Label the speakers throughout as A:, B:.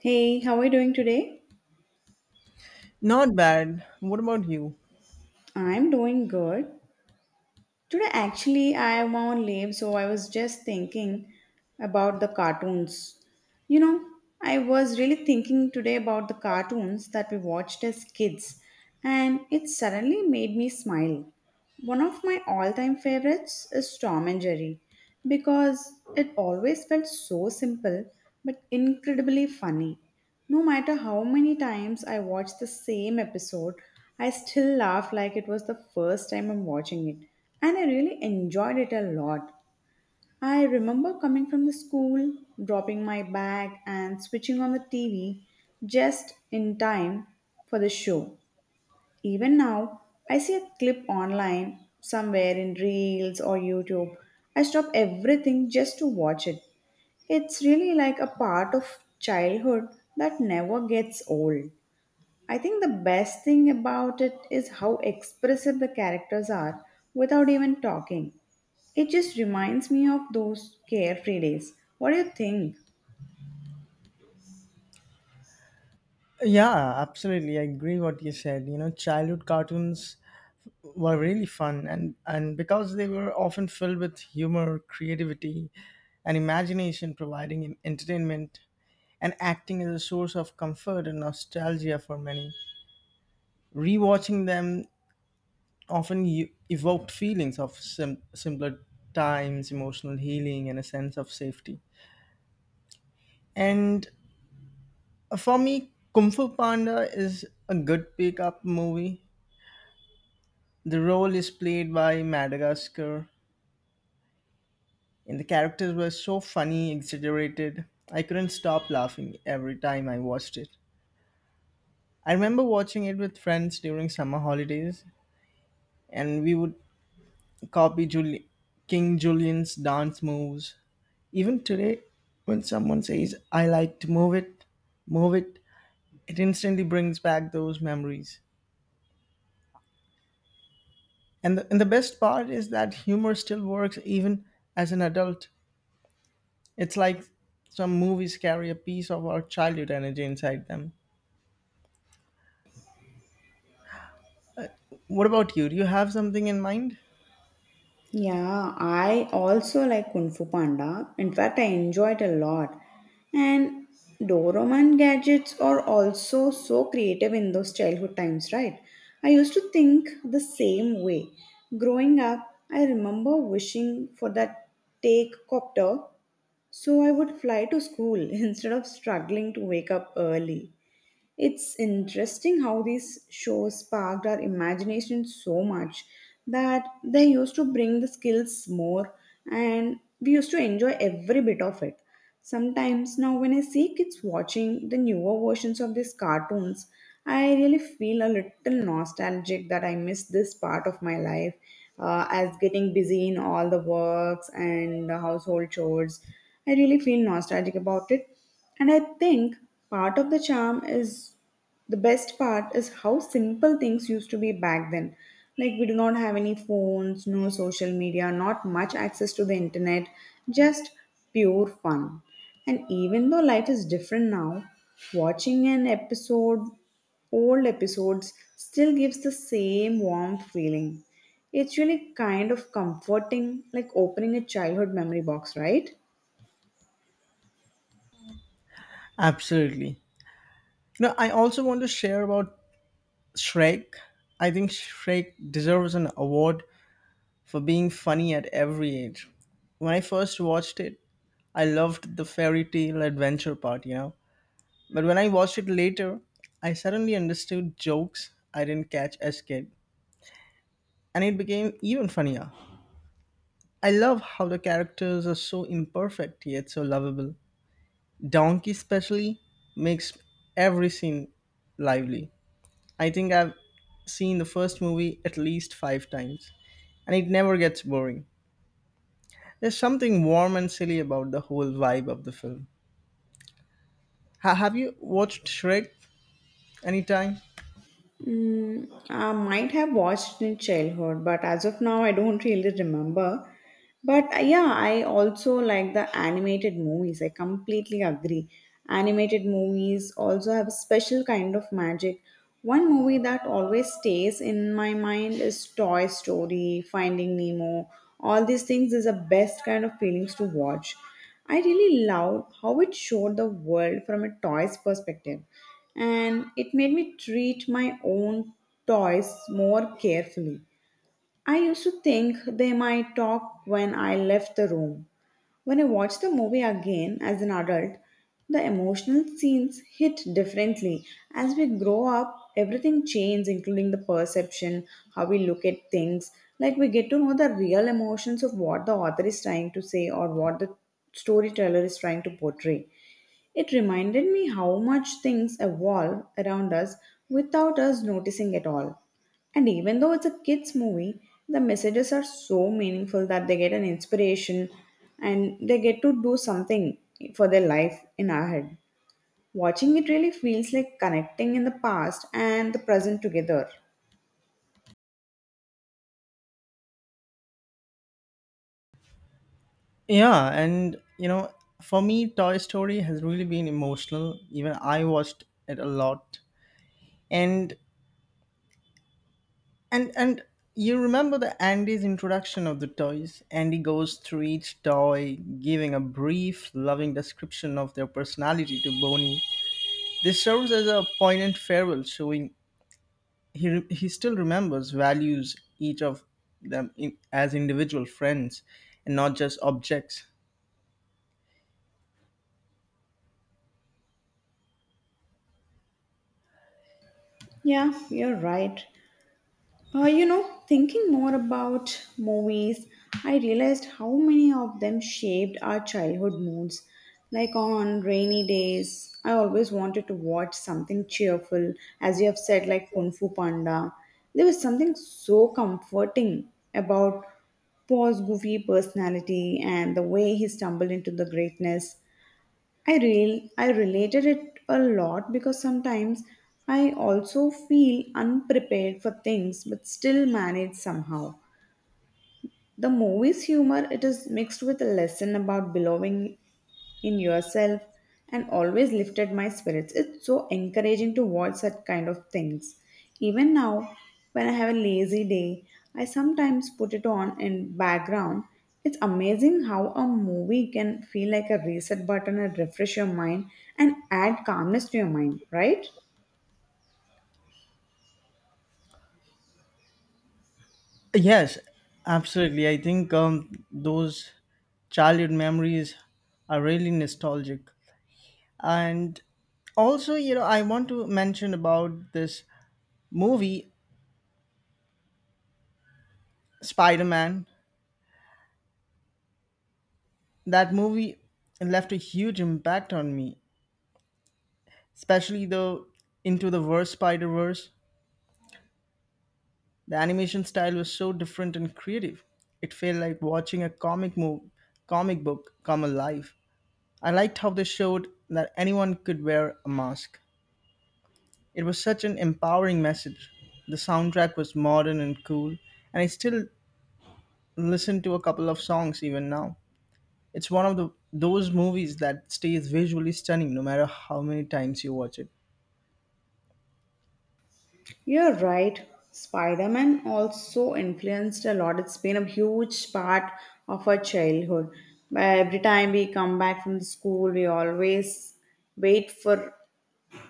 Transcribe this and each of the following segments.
A: Hey, how are you doing today?
B: Not bad. What about you?
A: I'm doing good. Today, actually, I am on leave, so I was just thinking about the cartoons. You know, I was really thinking today about the cartoons that we watched as kids, and it suddenly made me smile. One of my all time favorites is Tom and Jerry because it always felt so simple but incredibly funny. No matter how many times I watch the same episode, I still laugh like it was the first time I'm watching it. And I really enjoyed it a lot. I remember coming from the school, dropping my bag, and switching on the TV just in time for the show. Even now, I see a clip online somewhere in Reels or YouTube. I stop everything just to watch it. It's really like a part of childhood that never gets old. I think the best thing about it is how expressive the characters are without even talking. It just reminds me of those carefree days. What do you think?
B: Yeah, absolutely. I agree what you said. You know, childhood cartoons were really fun and because they were often filled with humor, creativity, and imagination providing entertainment and acting as a source of comfort and nostalgia for many. Rewatching them often evoked feelings of simpler times, emotional healing, and a sense of safety. And For me, Kung Fu Panda is a good pick-up movie. The role is played by Madagascar, and the characters were so funny, exaggerated. I couldn't stop laughing every time I watched it. I remember watching it with friends during summer holidays, and we would copy Juli- King Julian's dance moves. Even today, when someone says, I like to move it, it instantly brings back those memories. And the best part is that humor still works even as an adult. It's like some movies carry a piece of our childhood energy inside them. What about you? Do you have something in mind?
A: Yeah, I also like Kung Fu Panda. In fact, I enjoy it a lot. And Doraemon gadgets are also so creative in those childhood times, right? I used to think the same way. Growing up, I remember wishing for that take copter, so I would fly to school instead of struggling to wake up early. It's interesting how these shows sparked our imagination so much that they used to bring the skills more and we used to enjoy every bit of it. Sometimes now, when I see kids watching the newer versions of these cartoons, I really feel a little nostalgic that I miss this part of my life as getting busy in all the works and the household chores. I really feel nostalgic about it, and I think part of the charm is the best part is how simple things used to be back then. Like we do not have any phones, no social media, not much access to the internet, just pure fun. And even though life is different now, watching an episode, old episodes, still gives the same warm feeling. It's really kind of comforting, like opening a childhood memory box, right?
B: Absolutely. You know, I also want to share about Shrek. I think Shrek deserves an award for being funny at every age. When I first watched it, I loved the fairy tale adventure part, you know. But when I watched it later, I suddenly understood jokes I didn't catch as kid, and it became even funnier. I love how the characters are so imperfect yet so lovable. Donkey, especially, makes every scene lively. I think I've seen the first movie at least five times, and it never gets boring. There's something warm and silly about the whole vibe of the film. Have you watched Shrek anytime?
A: Mm, I might have watched in childhood, but as of now, I don't really remember. But yeah, I also like the animated movies. I completely agree. Animated movies also have a special kind of magic. One movie that always stays in my mind is Toy Story, Finding Nemo. All these things is the best kind of feelings to watch. I really loved how it showed the world from a toy's perspective, and it made me treat my own toys more carefully. I used to think they might talk when I left the room, when I watched the movie again as an adult, the emotional scenes hit differently. As we grow up, everything changes, including the perception, how we look at things. Like we get to know the real emotions of what the author is trying to say or what the storyteller is trying to portray. It reminded me how much things evolve around us without us noticing at all. And even though it's a kids' movie, the messages are so meaningful that they get an inspiration and they get to do something for their life in our head. Watching it really feels like connecting in the past and the present together.
B: Yeah, and you know, for me, Toy Story has really been emotional. Even I watched it a lot. And and you remember the Andy's introduction of the toys. Andy goes through each toy, giving a brief, loving description of their personality to Bonnie. This serves as a poignant farewell, showing he still remembers, values each of them in, as individual friends, and not just objects.
A: Yeah, you're right. You know, thinking more about movies, I realized how many of them shaped our childhood moods. Like on rainy days, I always wanted to watch something cheerful, as you have said, like Kung Fu Panda. There was something so comforting about Paul's goofy personality and the way he stumbled into the greatness. I related it a lot because sometimes I also feel unprepared for things but still manage somehow. The movie's humor it is mixed with a lesson about belonging in yourself and always lifted my spirits. It's so encouraging to watch such kind of things. Even now, when I have a lazy day, I sometimes put it on in background. It's amazing how a movie can feel like a reset button and refresh your mind and add calmness to your mind, right?
B: Yes, absolutely. I think those childhood memories are really nostalgic. And also, you know, I want to mention about this movie Spider-Man. That movie left a huge impact on me, especially the into the verse Spider-Verse. The animation style was so different and creative. It felt like watching a comic book come alive. I liked how they showed that anyone could wear a mask. It was such an empowering message. The soundtrack was modern and cool, and I still listen to a couple of songs even now. It's one of the those movies that stays visually stunning no matter how many times you watch it.
A: You're right. Spider Man also influenced a lot. It's been a huge part of our childhood. Every time we come back from the school, we always wait for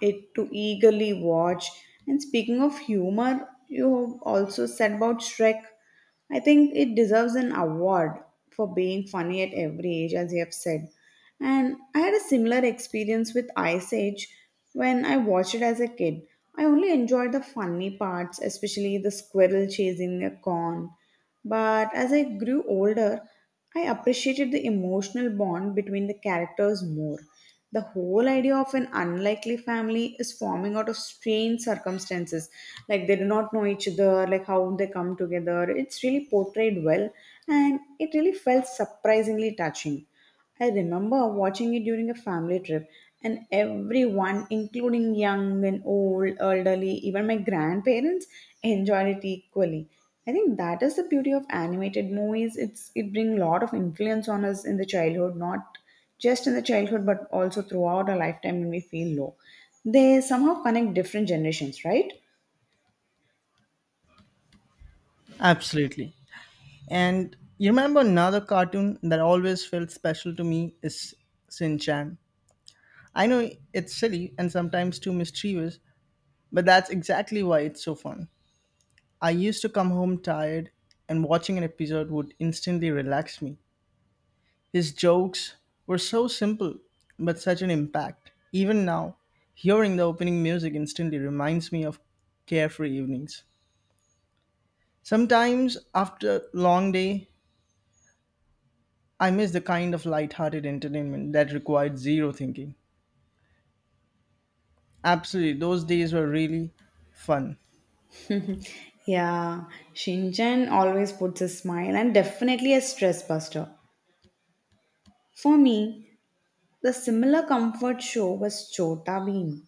A: it to eagerly watch. And speaking of humor, you also said about Shrek. I think it deserves an award for being funny at every age, as you have said. And I had a similar experience with Ice Age when I watched it as a kid. I only enjoyed the funny parts, especially the squirrel chasing a corn, but as I grew older, I appreciated the emotional bond between the characters more. The whole idea of an unlikely family is forming out of strange circumstances. Like they do not know each other, like how they come together. It's really portrayed well and it really felt surprisingly touching. I remember watching it during a family trip, and everyone, including young and old, elderly, even my grandparents, enjoyed it equally. I think that is the beauty of animated movies. It brings a lot of influence on us in the childhood, not just in the childhood, but also throughout our lifetime when we feel low. They somehow connect different generations, right?
B: Absolutely. And you remember another cartoon that always felt special to me is Sin Chan. I know it's silly and sometimes too mischievous, but that's exactly why it's so fun. I used to come home tired, and watching an episode would instantly relax me. His jokes were so simple, but such an impact. Even now, hearing the opening music instantly reminds me of carefree evenings. Sometimes, after a long day, I miss the kind of light-hearted entertainment that required zero thinking. Absolutely, those days were really fun.
A: Yeah, Shinchan always puts a smile and definitely a stress buster. For me, the similar comfort show was Chota Bheem.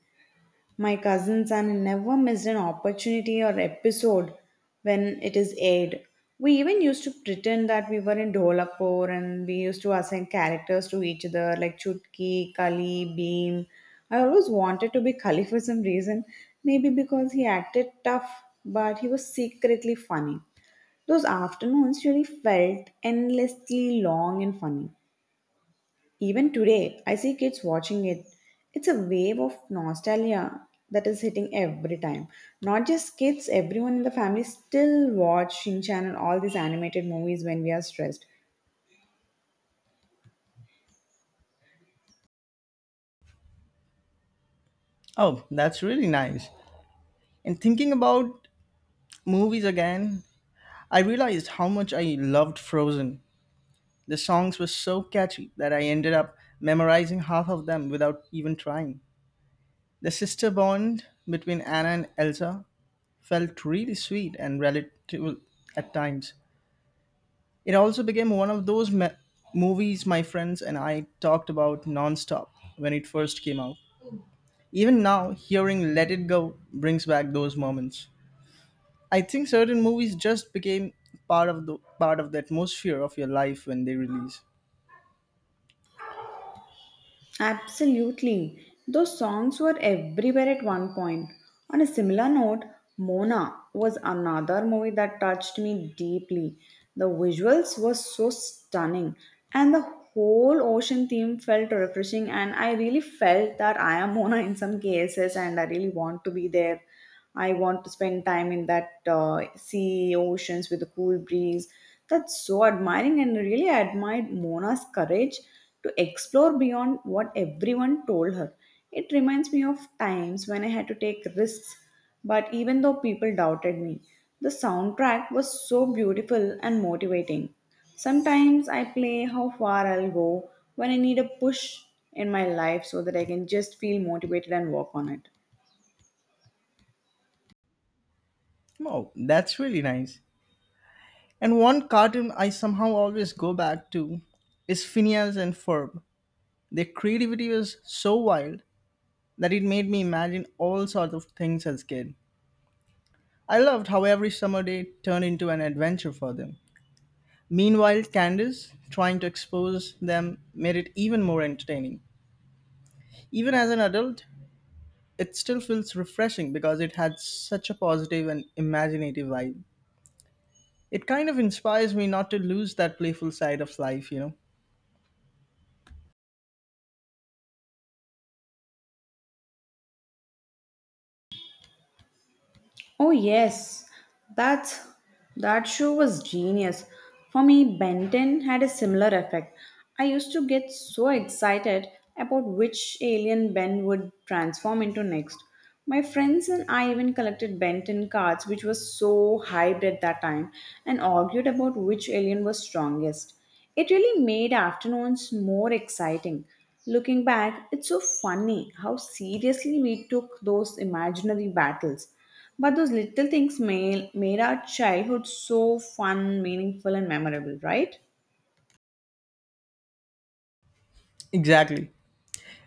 A: My cousins and I never missed an opportunity or episode when it is aired. We even used to pretend that we were in Dholapur and we used to assign characters to each other like Chutki, Kali, Beam. I always wanted to be Kali for some reason, maybe because he acted tough but he was secretly funny. Those afternoons really felt endlessly long and funny. Even today, I see kids watching it. It's a wave of nostalgia that is hitting every time. Not just kids, everyone in the family still watch Shin Chan and all these animated movies when we are stressed.
B: Oh, that's really nice. And thinking about movies again, I realized how much I loved Frozen. The songs were so catchy that I ended up memorizing half of them without even trying. The sister bond between Anna and Elsa felt really sweet and relatable at times. It also became one of those movies my friends and I talked about nonstop when it first came out. Even now, hearing Let It Go brings back those moments. I think certain movies just became part of the atmosphere of your life when they release.
A: Absolutely. Those songs were everywhere at one point. On a similar note, Mona was another movie that touched me deeply. The visuals were so stunning, and the whole ocean theme felt refreshing. And I really felt that I am Mona in some cases, and I really want to be there. I want to spend time in that sea, oceans with a cool breeze. That's so admiring, and really, I admired Mona's courage to explore beyond what everyone told her. It reminds me of times when I had to take risks, but even though people doubted me, the soundtrack was so beautiful and motivating. Sometimes I play how far I'll go when I need a push in my life so that I can just feel motivated and work on it.
B: Oh, that's really nice. And one cartoon I somehow always go back to is Phineas and Ferb. Their creativity was so wild that it made me imagine all sorts of things as a kid. I loved how every summer day turned into an adventure for them. Meanwhile, Candace trying to expose them made it even more entertaining. Even as an adult, it still feels refreshing because it had such a positive and imaginative vibe. It kind of inspires me not to lose that playful side of life, you know?
A: Oh yes, that's that show was genius. For me, Benton had a similar effect. I used to get so excited about which alien Ben would transform into next. My friends and I even collected Benton cards, which was so hyped at that time, and argued about which alien was strongest. It really made afternoons more exciting. Looking back, it's so funny how seriously we took those imaginary battles. But those little things made our childhood so fun, meaningful, and memorable, right?
B: Exactly.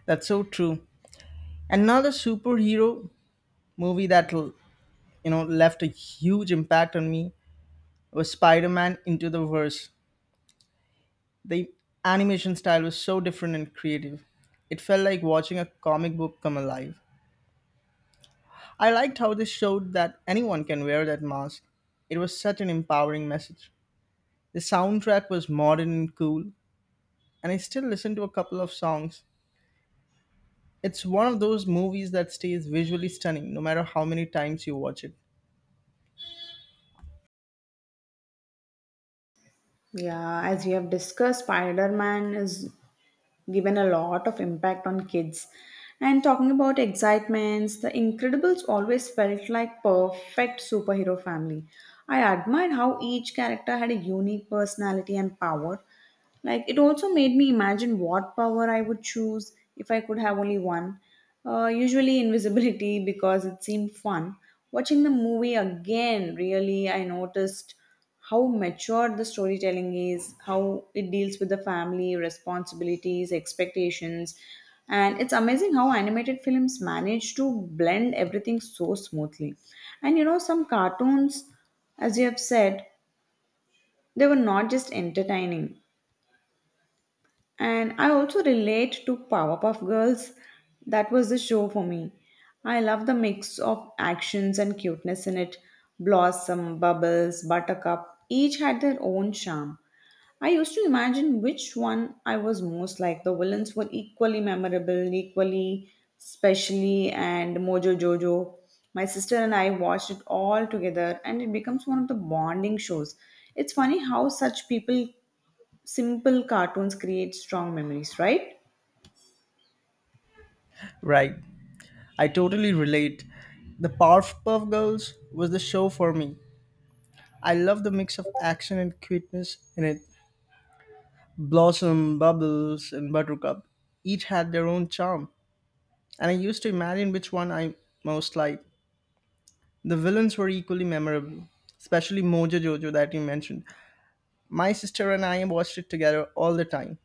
B: That's so true. Another superhero movie that, you know, left a huge impact on me was Spider-Man Into the Verse. The animation style was so different and creative. It felt like watching a comic book come alive. I liked how they showed that anyone can wear that mask. It was such an empowering message. The soundtrack was modern and cool, and I still listen to a couple of songs. It's one of those movies that stays visually stunning no matter how many times you watch it.
A: Yeah, as we have discussed, Spider Man is given a lot of impact on kids. And talking about excitements, the Incredibles always felt like perfect superhero family. I admired how each character had a unique personality and power, like it also made me imagine what power I would choose if I could have only one. Usually invisibility because it seemed fun. Watching the movie again, really, I noticed how mature the storytelling is, how it deals with the family, responsibilities, expectations. And it's amazing how animated films manage to blend everything so smoothly. And you know, some cartoons, as you have said, they were not just entertaining and I also relate to Powerpuff Girls. That was the show for me. I love the mix of actions and cuteness in it. Blossom, Bubbles, Buttercup, each had their own charm. I used to imagine which one I was most like. The villains were equally memorable, equally specially, and Mojo Jojo. My sister and I watched it all together, and it becomes one of the bonding shows. It's funny how such people simple cartoons create strong memories, right?
B: Right. I totally relate. The Powerpuff Girls was the show for me. I love the mix of action and cuteness in it. Blossom, Bubbles, and Buttercup each had their own charm, and I used to imagine which one I most liked. The villains were equally memorable, especially Mojo Jojo that you mentioned. My sister and I watched it together all the time,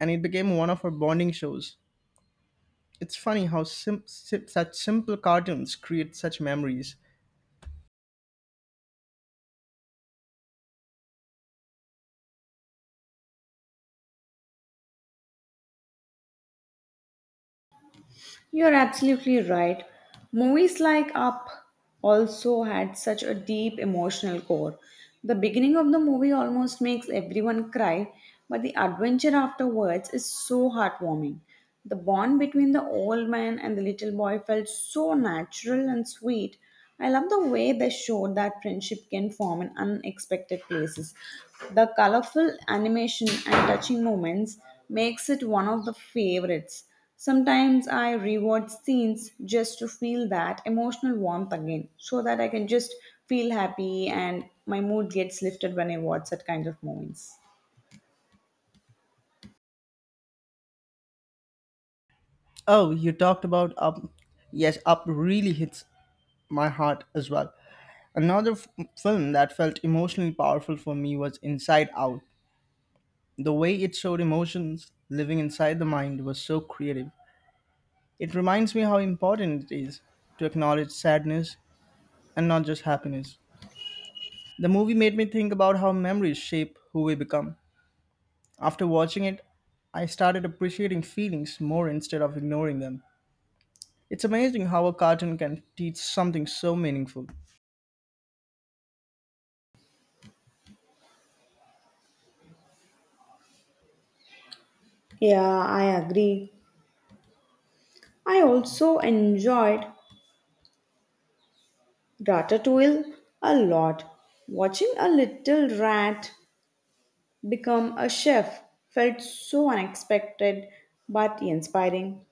B: and it became one of our bonding shows. It's funny how such simple cartoons create such memories.
A: You're absolutely right. Movies like Up also had such a deep emotional core. The beginning of the movie almost makes everyone cry, but the adventure afterwards is so heartwarming. The bond between the old man and the little boy felt so natural and sweet. I love the way they showed that friendship can form in unexpected places. The colorful animation and touching moments makes it one of the favorites. Sometimes I rewatch scenes just to feel that emotional warmth again, so that I can just feel happy and my mood gets lifted when I watch such kind of movies.
B: Oh, you talked about Up. Yes, Up really hits my heart as well. Another film that felt emotionally powerful for me was Inside Out. The way it showed emotions living inside the mind was so creative. It reminds me how important it is to acknowledge sadness and not just happiness. The movie made me think about how memories shape who we become. After watching it, I started appreciating feelings more instead of ignoring them. It's amazing how a cartoon can teach something so meaningful.
A: Yeah, I agree. I also enjoyed Ratatouille a lot. Watching a little rat become a chef felt so unexpected but inspiring.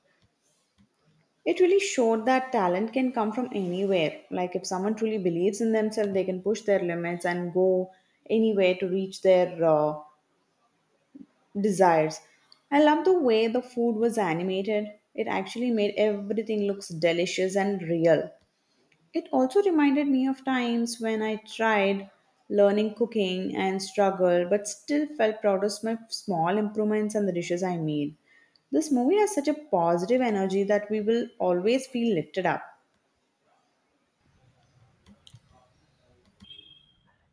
A: It really showed that talent can come from anywhere. Like, if someone truly believes in themselves, they can push their limits and go anywhere to reach their desires. I love the way the food was animated. It actually made everything looks delicious and real. It also reminded me of times when I tried learning cooking and struggled, but still felt proud of my small improvements and the dishes I made. This movie has such a positive energy that we will always feel lifted up.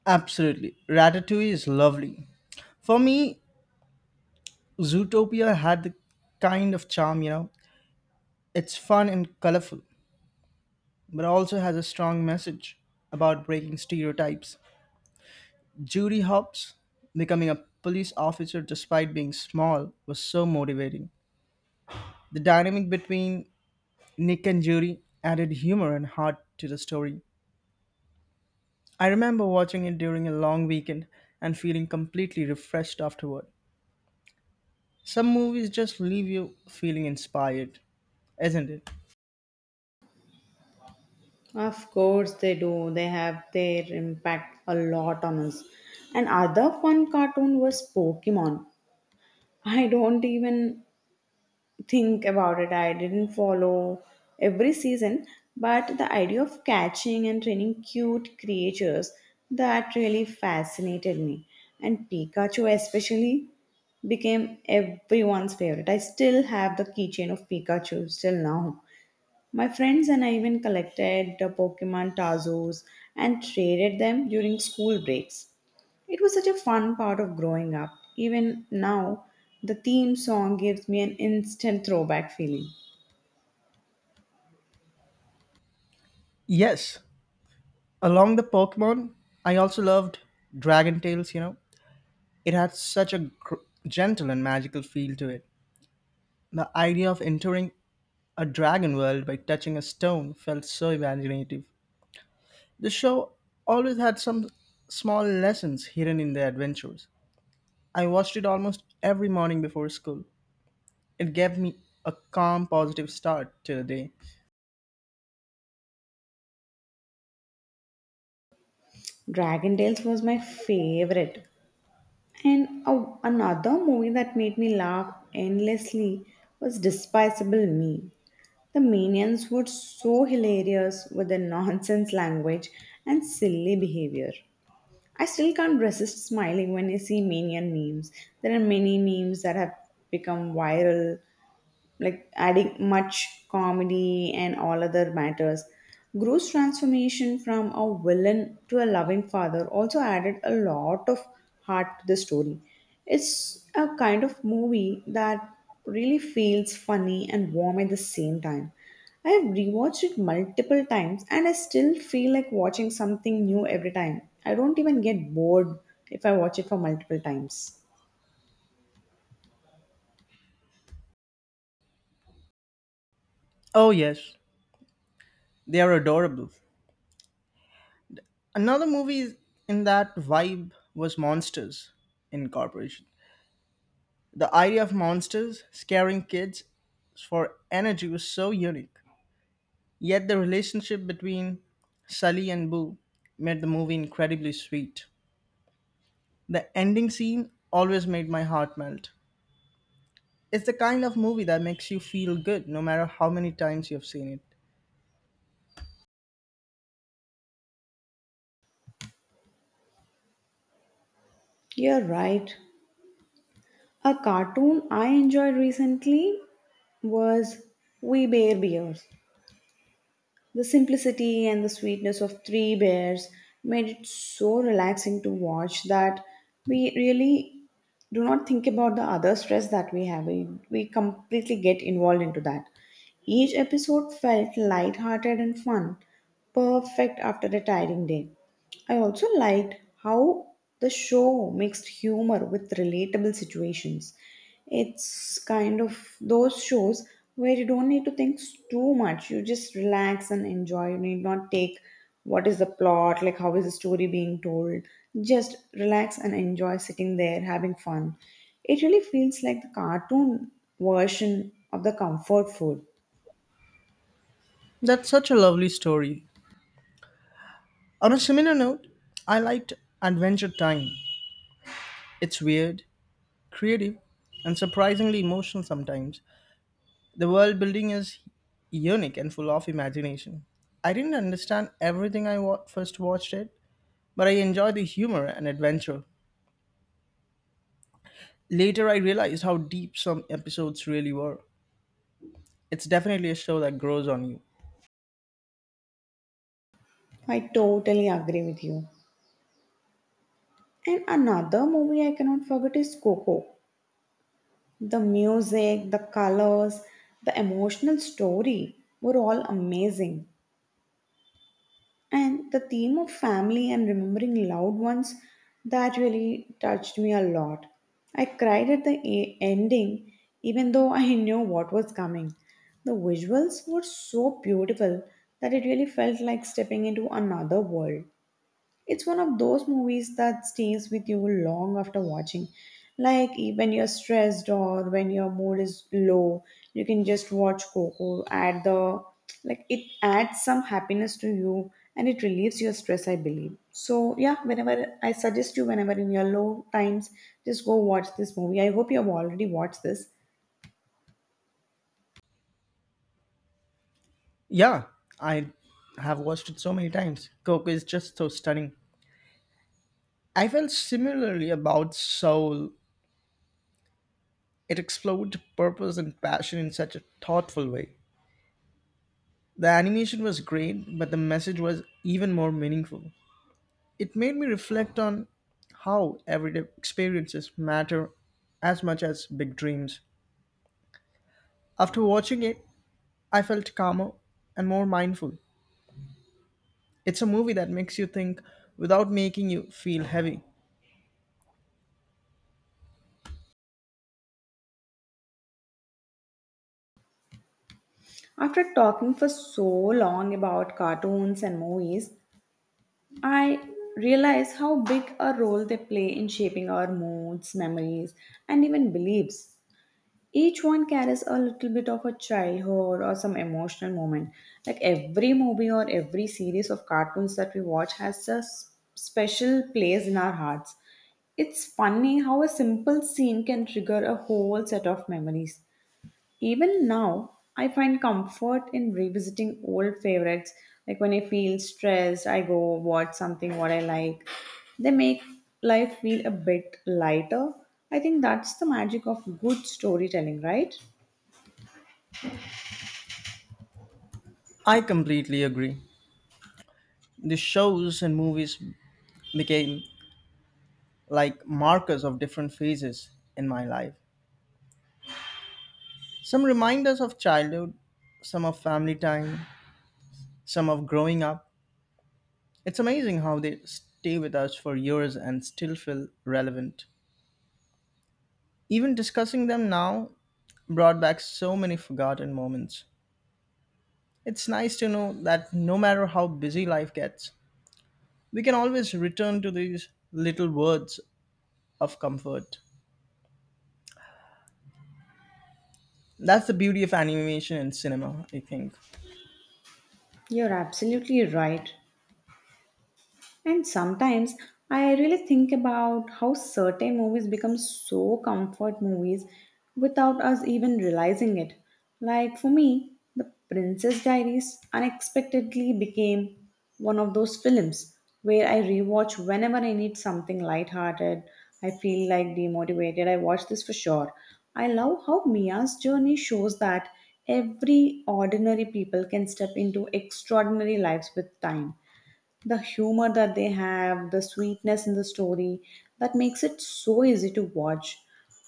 B: Absolutely. Ratatouille is lovely. For me, Zootopia had the kind of charm, you know. It's fun and colorful, but also has a strong message about breaking stereotypes. Judy Hopps becoming a police officer despite being small was so motivating. The dynamic between Nick and Judy added humor and heart to the story. I remember watching it during a long weekend and feeling completely refreshed afterward. Some movies just leave you feeling inspired, isn't it?
A: Of course they do. They have their impact a lot on us. And other fun cartoon was Pokemon. I don't even think about it. I didn't follow every season, but the idea of catching and training cute creatures that really fascinated me. And Pikachu especially became everyone's favorite. I still have the keychain of Pikachu still now. My friends and I even collected the Pokemon Tazos and traded them during school breaks. It was such a fun part of growing up. Even now, the theme song gives me an instant throwback feeling.
B: Yes, along the Pokemon, I also loved Dragon Tales, you know. It had such a gentle and magical feel to it. The idea of entering a dragon world by touching a stone felt so imaginative. The show always had some small lessons hidden in the adventures. I watched it almost every morning before school. It gave me a calm, positive start to the day.
A: Dragon Tales was my favorite. And another movie that made me laugh endlessly was Despicable Me. The minions were so hilarious with their nonsense language and silly behavior. I still can't resist smiling when I see minion memes. There are many memes that have become viral, like adding much comedy and all other matters. Gru's transformation from a villain to a loving father also added a lot of heart to the story. It's a kind of movie that really feels funny and warm at the same time. I have rewatched it multiple times and I still feel like watching something new every time. I don't even get bored if I watch it for multiple times.
B: Oh, yes, they are adorable. Another movie in that vibe was Monsters Incorporated. The idea of monsters scaring kids for energy was so unique. Yet the relationship between Sully and Boo made the movie incredibly sweet. The ending scene always made my heart melt. It's the kind of movie that makes you feel good no matter how many times you've seen it.
A: You're right. A cartoon I enjoyed recently was We Bear Bears. The simplicity and the sweetness of three bears made it so relaxing to watch that we really do not think about the other stress that we have. We completely get involved into that. Each episode felt light-hearted and fun, perfect after a tiring day. I also liked how the show mixed humor with relatable situations. It's kind of those shows where you don't need to think too much. You just relax and enjoy. You need not take what is the plot, like how is the story being told. Just relax and enjoy sitting there having fun. It really feels like the cartoon version of the comfort food.
B: That's such a lovely story. On a similar note, I liked Adventure Time. It's weird, creative, and surprisingly emotional sometimes. The world building is unique and full of imagination. I didn't understand everything I first watched it, but I enjoyed the humor and adventure. Later, I realized how deep some episodes really were. It's definitely a show that grows on you.
A: I totally agree with you. And another movie I cannot forget is Coco. The music, the colors, the emotional story were all amazing. And the theme of family and remembering loved ones that really touched me a lot. I cried at the ending, even though I knew what was coming. The visuals were so beautiful that it really felt like stepping into another world. It's one of those movies that stays with you long after watching. Like when you're stressed or when your mood is low, you can just watch Coco. Add the, like, it adds some happiness to you and it relieves your stress, I believe. So yeah, whenever I suggest you, whenever in your low times, just go watch this movie. I hope you have already watched this.
B: Yeah, I have watched it so many times. Coco is just so stunning. I felt similarly about Soul. It explored purpose and passion in such a thoughtful way. The animation was great, but the message was even more meaningful. It made me reflect on how everyday experiences matter as much as big dreams. After watching it, I felt calmer and more mindful. It's a movie that makes you think without making you feel heavy.
A: After talking for so long about cartoons and movies, I realize how big a role they play in shaping our moods, memories, and even beliefs. Each one carries a little bit of a childhood or some emotional moment. Like every movie or every series of cartoons that we watch has a special place in our hearts. It's funny how a simple scene can trigger a whole set of memories. Even now, I find comfort in revisiting old favorites. Like when I feel stressed, I go watch something what I like. They make life feel a bit lighter. I think that's the magic of good storytelling, right?
B: I completely agree. The shows and movies became like markers of different phases in my life. Some remind us of childhood, some of family time, some of growing up. It's amazing how they stay with us for years and still feel relevant. Even discussing them now brought back so many forgotten moments. It's nice to know that no matter how busy life gets, we can always return to these little words of comfort. That's the beauty of animation and cinema, I think.
A: You're absolutely right. And sometimes I really think about how certain movies become so comfort movies without us even realizing it. Like for me, The Princess Diaries unexpectedly became one of those films where I rewatch whenever I need something lighthearted. I feel like demotivated, I watch this for sure. I love how Mia's journey shows that every ordinary people can step into extraordinary lives with time, the humor that they have, the sweetness in the story, that makes it so easy to watch.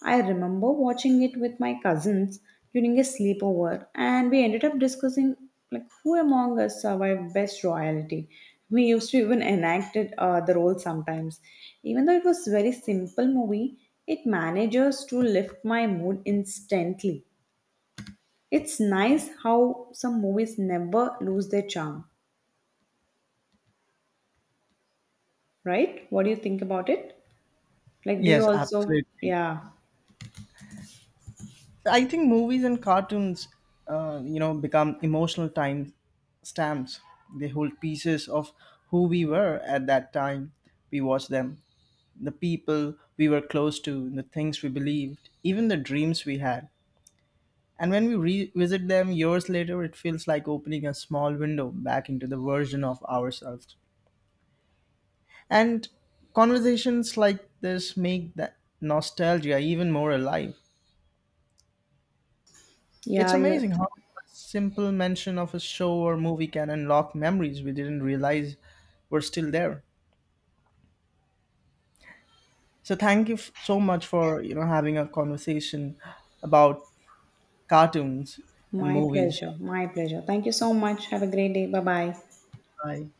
A: I remember watching it with my cousins during a sleepover, and we ended up discussing like who among us survived best royalty. We used to even enact it, the role sometimes. Even though it was very simple movie, it manages to lift my mood instantly. It's nice how some movies never lose their charm, right? What do you think about it? Like, do you
B: Yes,
A: also?
B: absolutely.
A: Yeah,
B: I think movies and cartoons you know, become emotional time stamps. They hold pieces of who we were at that time. We watched them, the people we were close to, the things we believed, even the dreams we had. And when we revisit them years later, it feels like opening a small window back into the version of ourselves. And conversations like this make that nostalgia even more alive. It's
A: yeah, you.
B: amazing how a simple mention of a show or movie can unlock memories we didn't realize were still there. So thank you so much for, you know, having a conversation about cartoons and
A: My
B: movies.
A: pleasure. My pleasure. Thank you so much. Have a great day. Bye bye.
B: Bye.